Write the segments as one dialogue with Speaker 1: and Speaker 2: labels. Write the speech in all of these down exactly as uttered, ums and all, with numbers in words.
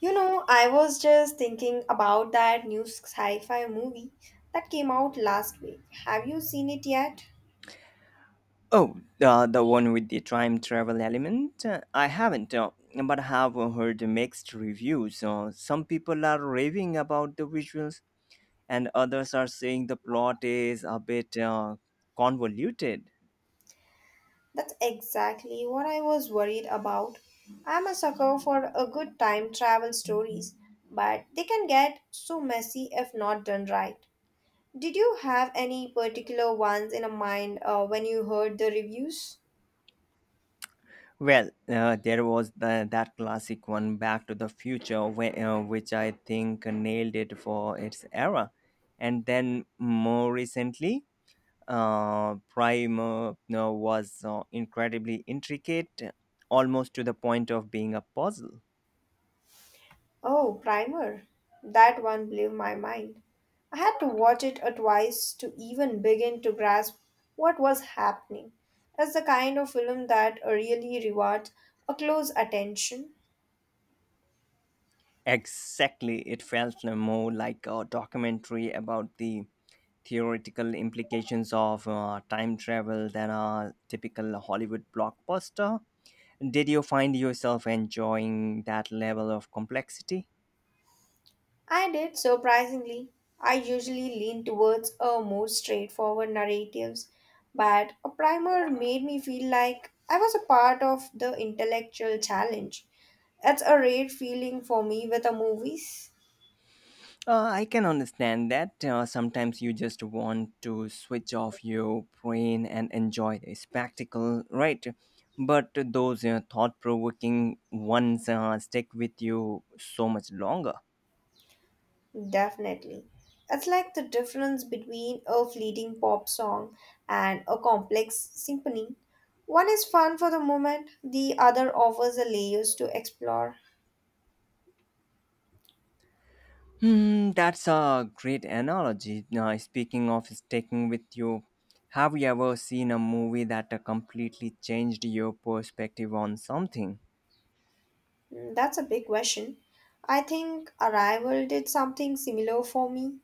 Speaker 1: You know, I was just thinking about that new sci fi movie that came out last week. Have you seen it yet?
Speaker 2: Oh, uh, the one with the time travel element? Uh, I haven't, uh, but I have heard mixed reviews. Uh, some people are raving about the visuals, and others are saying the plot is a bit uh, convoluted.
Speaker 1: That's exactly what I was worried about. I'm a sucker for a good time travel stories, but they can get so messy if not done right. Did you have any particular ones in a mind uh, when you heard the reviews?
Speaker 2: Well, uh, there was the, that classic one, Back to the Future, whe- uh, which I think nailed it for its era. And then more recently, uh, Prime uh, no, was uh, incredibly intricate, almost to the point of being a puzzle.
Speaker 1: Oh, Primer. That one blew my mind. I had to watch it uh, twice to even begin to grasp what was happening. It's the kind of film that uh, really rewards a close attention.
Speaker 2: Exactly, it felt more like a documentary about the theoretical implications of uh, time travel than a typical Hollywood blockbuster. Did you find yourself enjoying that level of complexity?
Speaker 1: I did, surprisingly. I usually lean towards a more straightforward narratives, but a primer made me feel like I was a part of the intellectual challenge. It's a rare feeling for me with the movies.
Speaker 2: Uh, I can understand that. Uh, sometimes you just want to switch off your brain and enjoy the spectacle, right? But those uh, thought provoking ones uh, stick with you so much longer.
Speaker 1: Definitely. It's like the difference between a fleeting pop song and a complex symphony. One is fun for the moment, the other offers the layers to explore.
Speaker 2: Hmm, that's a great analogy. Now, speaking of sticking with you, have you ever seen a movie that uh, completely changed your perspective on something?
Speaker 1: Mm, That's a big question. I think Arrival did something similar for me.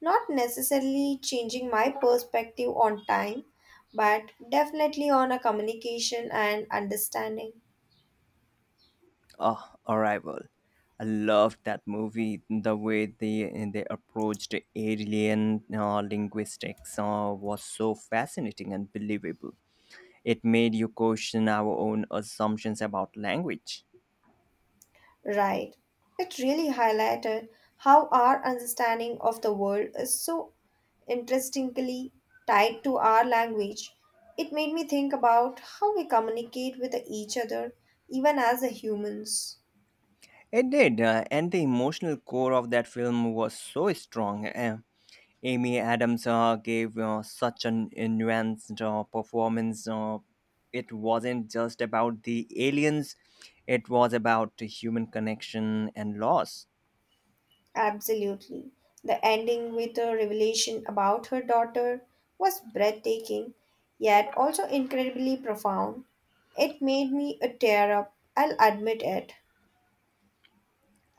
Speaker 1: Not necessarily changing my perspective on time, but definitely on a communication and understanding.
Speaker 2: Oh, Arrival. I loved that movie. The way they they approached alien uh, linguistics uh, was so fascinating and believable. It made you question our own assumptions about language.
Speaker 1: Right. It really highlighted how our understanding of the world is so interestingly tied to our language. It made me think about how we communicate with each other, even as a humans.
Speaker 2: It did, uh, and the emotional core of that film was so strong. Uh, Amy Adams uh, gave uh, such an nuanced uh, performance. Uh, it wasn't just about the aliens, it was about the human connection and loss.
Speaker 1: Absolutely. The ending with a revelation about her daughter was breathtaking, yet also incredibly profound. It made me a tear up, I'll admit it.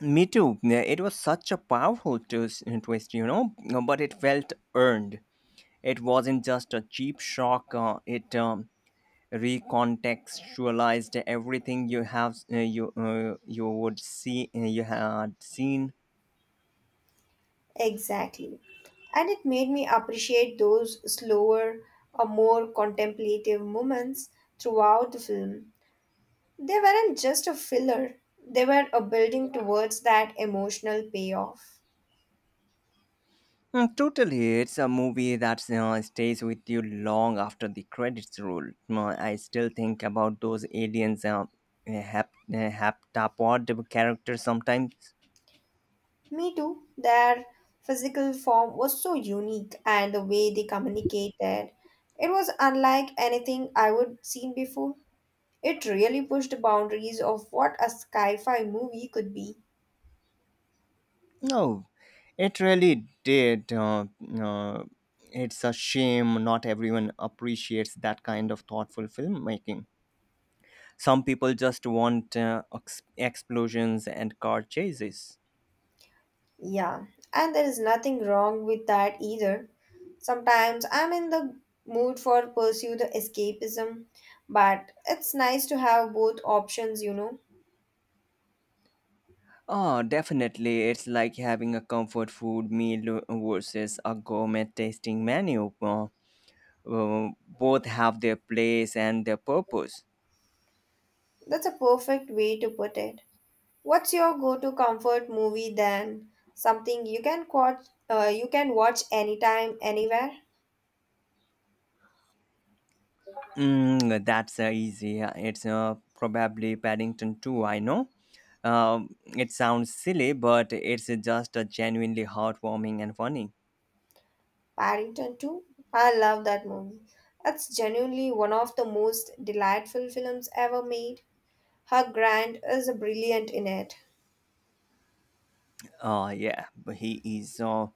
Speaker 2: Me too. Yeah, it was such a powerful twist, uh, twist, you know, but it felt earned. It wasn't just a cheap shock, uh, it um, recontextualized everything you have uh, you uh, you would see uh, you had seen.
Speaker 1: Exactly. And it made me appreciate those slower or more contemplative moments throughout the film. They weren't just a filler, they were a building towards that emotional payoff.
Speaker 2: Mm, totally, it's a movie that uh, stays with you long after the credits roll. Mm, I still think about those aliens, uh, hap- uh, haptapod character sometimes.
Speaker 1: Me too, their physical form was so unique and the way they communicated. It was unlike anything I would seen before. It really pushed the boundaries of what a sci-fi movie could be.
Speaker 2: No, it really did. Uh, uh, it's a shame not everyone appreciates that kind of thoughtful filmmaking. Some people just want uh, ex- explosions and car chases.
Speaker 1: Yeah, and there is nothing wrong with that either. Sometimes I'm in the mood for pursue the escapism, but it's nice to have both options, you know.
Speaker 2: Oh, definitely. It's like having a comfort food meal versus a gourmet tasting menu. Uh, uh, both have their place and their purpose.
Speaker 1: That's a perfect way to put it. What's your go-to comfort movie then? Something you can watch, uh, you can watch anytime, anywhere.
Speaker 2: Mm, that's uh, easy. It's uh, probably Paddington too. I know. Um, it sounds silly, but it's just uh, genuinely heartwarming and funny.
Speaker 1: Paddington two. I love that movie. It's genuinely one of the most delightful films ever made. Her Grant is brilliant in it.
Speaker 2: Uh, yeah, but he is uh,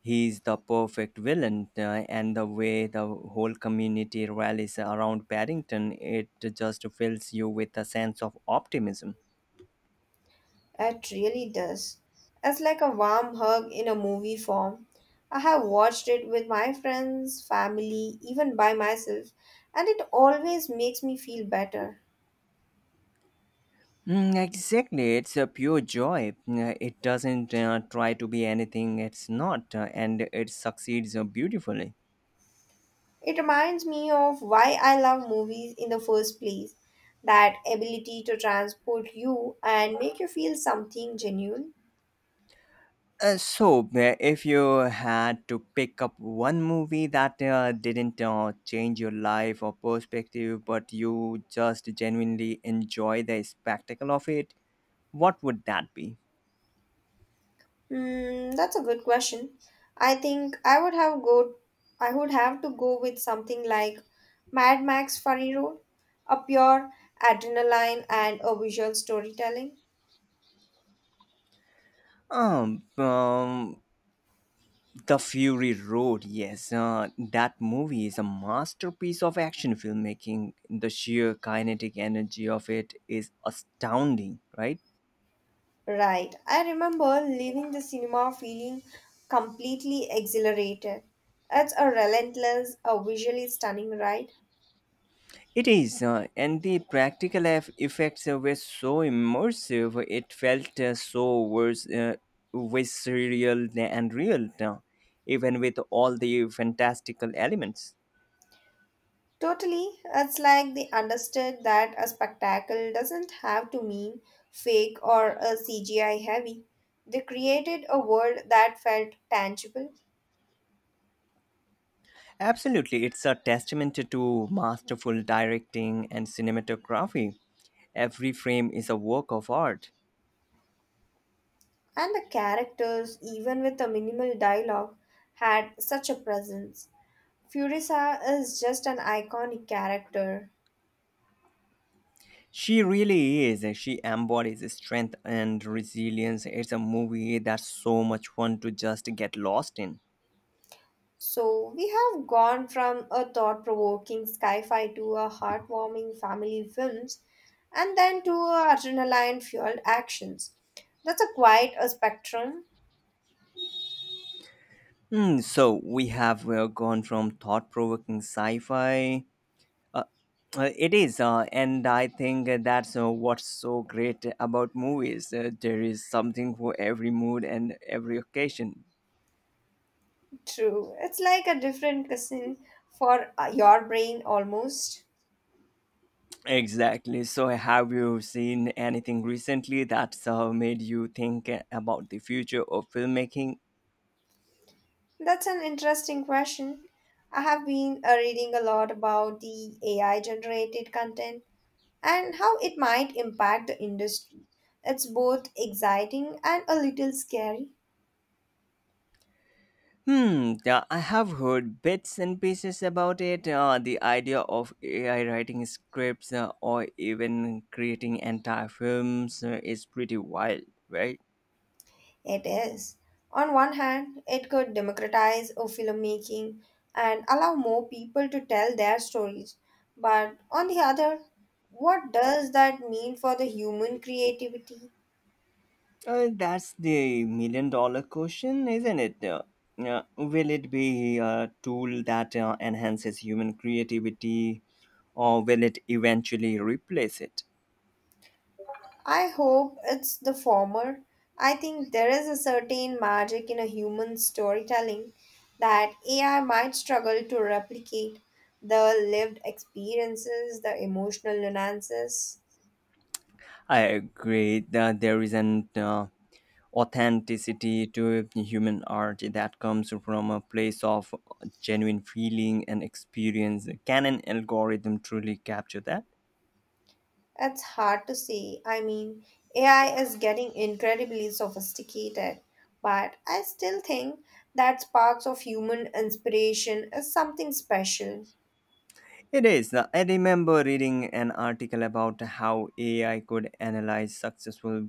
Speaker 2: he's the perfect villain, uh, and the way the whole community rallies around Paddington, it just fills you with a sense of optimism.
Speaker 1: It really does. It's like a warm hug in a movie form. I have watched it with my friends, family, even by myself, and it always makes me feel better.
Speaker 2: Mm, exactly, it's a pure joy. Uh, It doesn't uh, try to be anything it's not, uh, and it succeeds uh, beautifully.
Speaker 1: It reminds me of why I love movies in the first place that ability to transport you and make you feel something genuine.
Speaker 2: Uh, so, uh, if you had to pick up one movie that uh, didn't uh, change your life or perspective, but you just genuinely enjoy the spectacle of it, what would that be?
Speaker 1: Hmm, that's a good question. I think I would have go I would have to go with something like Mad Max Fury Road, a pure adrenaline and a visual storytelling.
Speaker 2: Um, um, The Fury Road, yes. Uh, that movie is a masterpiece of action filmmaking. The sheer kinetic energy of it is astounding, right?
Speaker 1: Right. I remember leaving the cinema feeling completely exhilarated. It's a relentless, a visually stunning ride.
Speaker 2: It is, uh, and the practical eff- effects uh, were so immersive. It felt uh, so vers- uh, visceral and real, uh, even with all the fantastical elements.
Speaker 1: Totally, it's like they understood that a spectacle doesn't have to mean fake or a C G I heavy. They created a world that felt tangible,
Speaker 2: Absolutely, it's a testament to masterful directing and cinematography. Every frame is a work of art.
Speaker 1: and the characters, even with a minimal dialogue, had such a presence. Furisa is just an iconic character.
Speaker 2: She really is. She embodies strength and resilience. It's a movie that's so much fun to just get lost in.
Speaker 1: So, we have gone from a thought provoking sci fi to a heartwarming family films and then to a adrenaline fueled actions. That's a quite a spectrum,
Speaker 2: Mm, so we have uh, gone from thought-provoking sci-fi. Uh, it is, uh, and I think that's uh, what's so great about movies. Uh, there is something for every mood and every occasion.
Speaker 1: true. It's like a different cousin for uh, your brain almost.
Speaker 2: Exactly. So, have you seen anything recently that's uh, made you think about the future of filmmaking?
Speaker 1: That's an interesting question. I have been uh, reading a lot about the A I generated content and how it might impact the industry. It's both exciting and a little scary.
Speaker 2: Hmm, uh, I have heard bits and pieces about it. Uh, the idea of A I writing scripts uh, or even creating entire films uh, is pretty wild, right?
Speaker 1: It is. On one hand, it could democratize of filmmaking and allow more people to tell their stories. But on the other, what does that mean for the human creativity?
Speaker 2: Uh, that's the million dollar question, isn't it? Uh, uh, will it be a tool that uh, enhances human creativity or will it eventually replace it?
Speaker 1: I hope it's the former. I think there is a certain magic in a human storytelling that A I might struggle to replicate the lived experiences, the emotional nuances.
Speaker 2: I agree that there isn't. Uh, authenticity to human art that comes from a place of genuine feeling and experience. Can an algorithm truly capture that?
Speaker 1: It's hard to say. I mean, A I is getting incredibly sophisticated, but I still think that sparks of human inspiration is something special.
Speaker 2: It is. I remember reading an article about how A I could analyze successful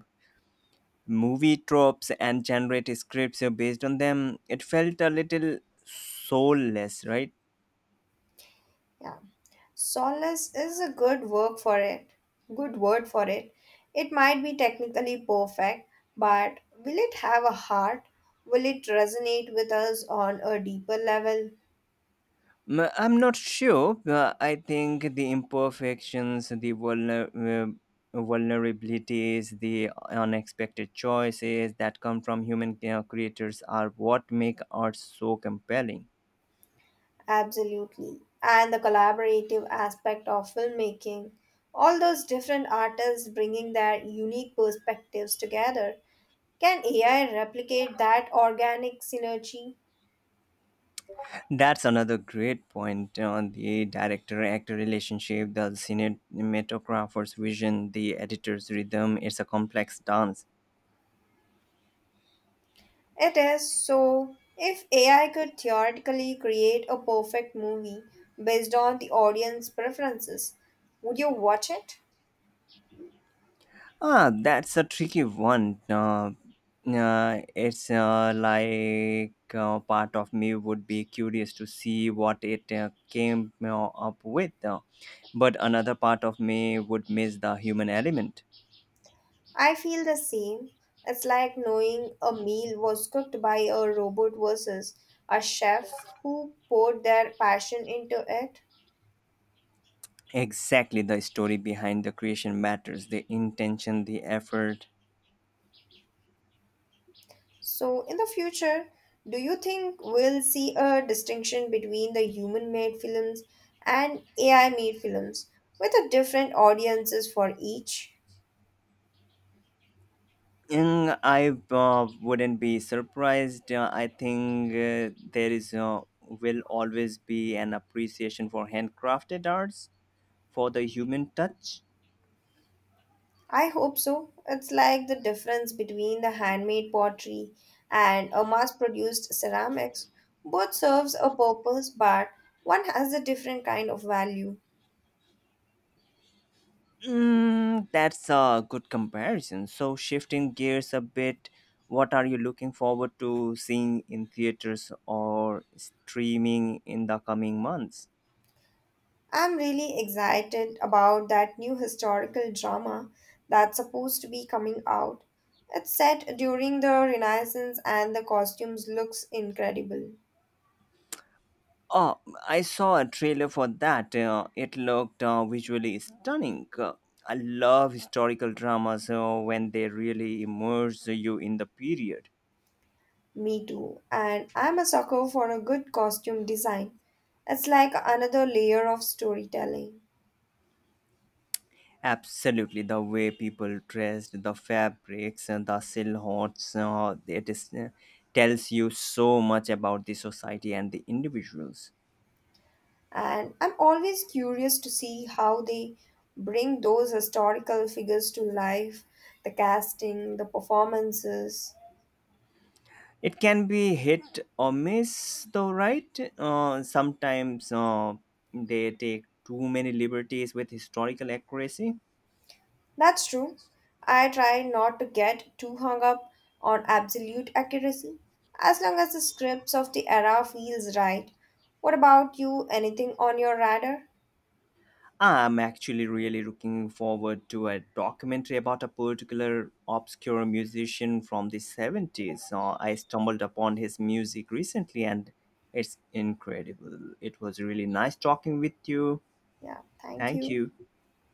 Speaker 2: movie tropes and generate scripts based on them. It felt a little soulless, right?
Speaker 1: Yeah. Solace is a good work for it. Good word for it. It might be technically perfect, but will it have a heart? Will it resonate with us on a deeper level?
Speaker 2: Mm, I'm not sure. but I think the imperfections, the vulner- uh, vulnerabilities, the unexpected choices that come from human uh, creators are what make art so compelling.
Speaker 1: Absolutely. And the collaborative aspect of filmmaking, all those different artists bringing their unique perspectives together. Can A I replicate that organic synergy?
Speaker 2: That's another great point on the director actor relationship, the cinematographer's vision, the editor's rhythm. It's a complex dance.
Speaker 1: It is so. If A I could theoretically create a perfect movie based on the audience preferences, would you watch it?
Speaker 2: Ah, that's a tricky one. Uh, uh, it's uh, like uh, part of me would be curious to see what it uh, came uh, up with, uh, but another part of me would miss the human element.
Speaker 1: I feel the same. It's like knowing a meal was cooked by a robot versus a chef who poured their passion into it.
Speaker 2: Exactly, the story behind the creation matters, the intention, the effort.
Speaker 1: So, in the future, do you think we'll see a distinction between the human made films and A I made films with a different audiences for each?
Speaker 2: And I uh, wouldn't be surprised. Uh, I think uh, there is uh, will always be an appreciation for handcrafted arts for the human touch?
Speaker 1: I hope so. It's like the difference between the handmade pottery and a mass-produced ceramics. Both serves a purpose, but one has a different kind of value.
Speaker 2: Mm, that's a good comparison. So, shifting gears a bit, what are you looking forward to seeing in theaters or streaming in the coming months?
Speaker 1: I'm really excited about that new historical drama that's supposed to be coming out. It's set during the Renaissance and the costumes looks incredible.
Speaker 2: Oh, I saw a trailer for that. Uh, it looked uh, visually stunning. Uh, I love historical dramas uh, when they really immerse you in the period.
Speaker 1: Me too. And I'm a sucker for a good costume design. It's like another layer of storytelling.
Speaker 2: Absolutely, the way people dressed, the fabrics, and the silhouettes, uh, it is, uh, tells you so much about the society and the individuals.
Speaker 1: And I'm always curious to see how they bring those historical figures to life, the casting, the performances.
Speaker 2: It can be hit or miss, though, right? Uh, sometimes uh, they take too many liberties with historical accuracy.
Speaker 1: That's true. I try not to get too hung up on absolute accuracy, as long as the scripts of the era feels right. What about you? Anything on your radar?
Speaker 2: I'm actually really looking forward to a documentary about a particular obscure musician from the seventies. Uh, I stumbled upon his music recently and it's incredible. It was really nice talking with you.
Speaker 1: Yeah, thank
Speaker 2: Thank
Speaker 1: you.
Speaker 2: you.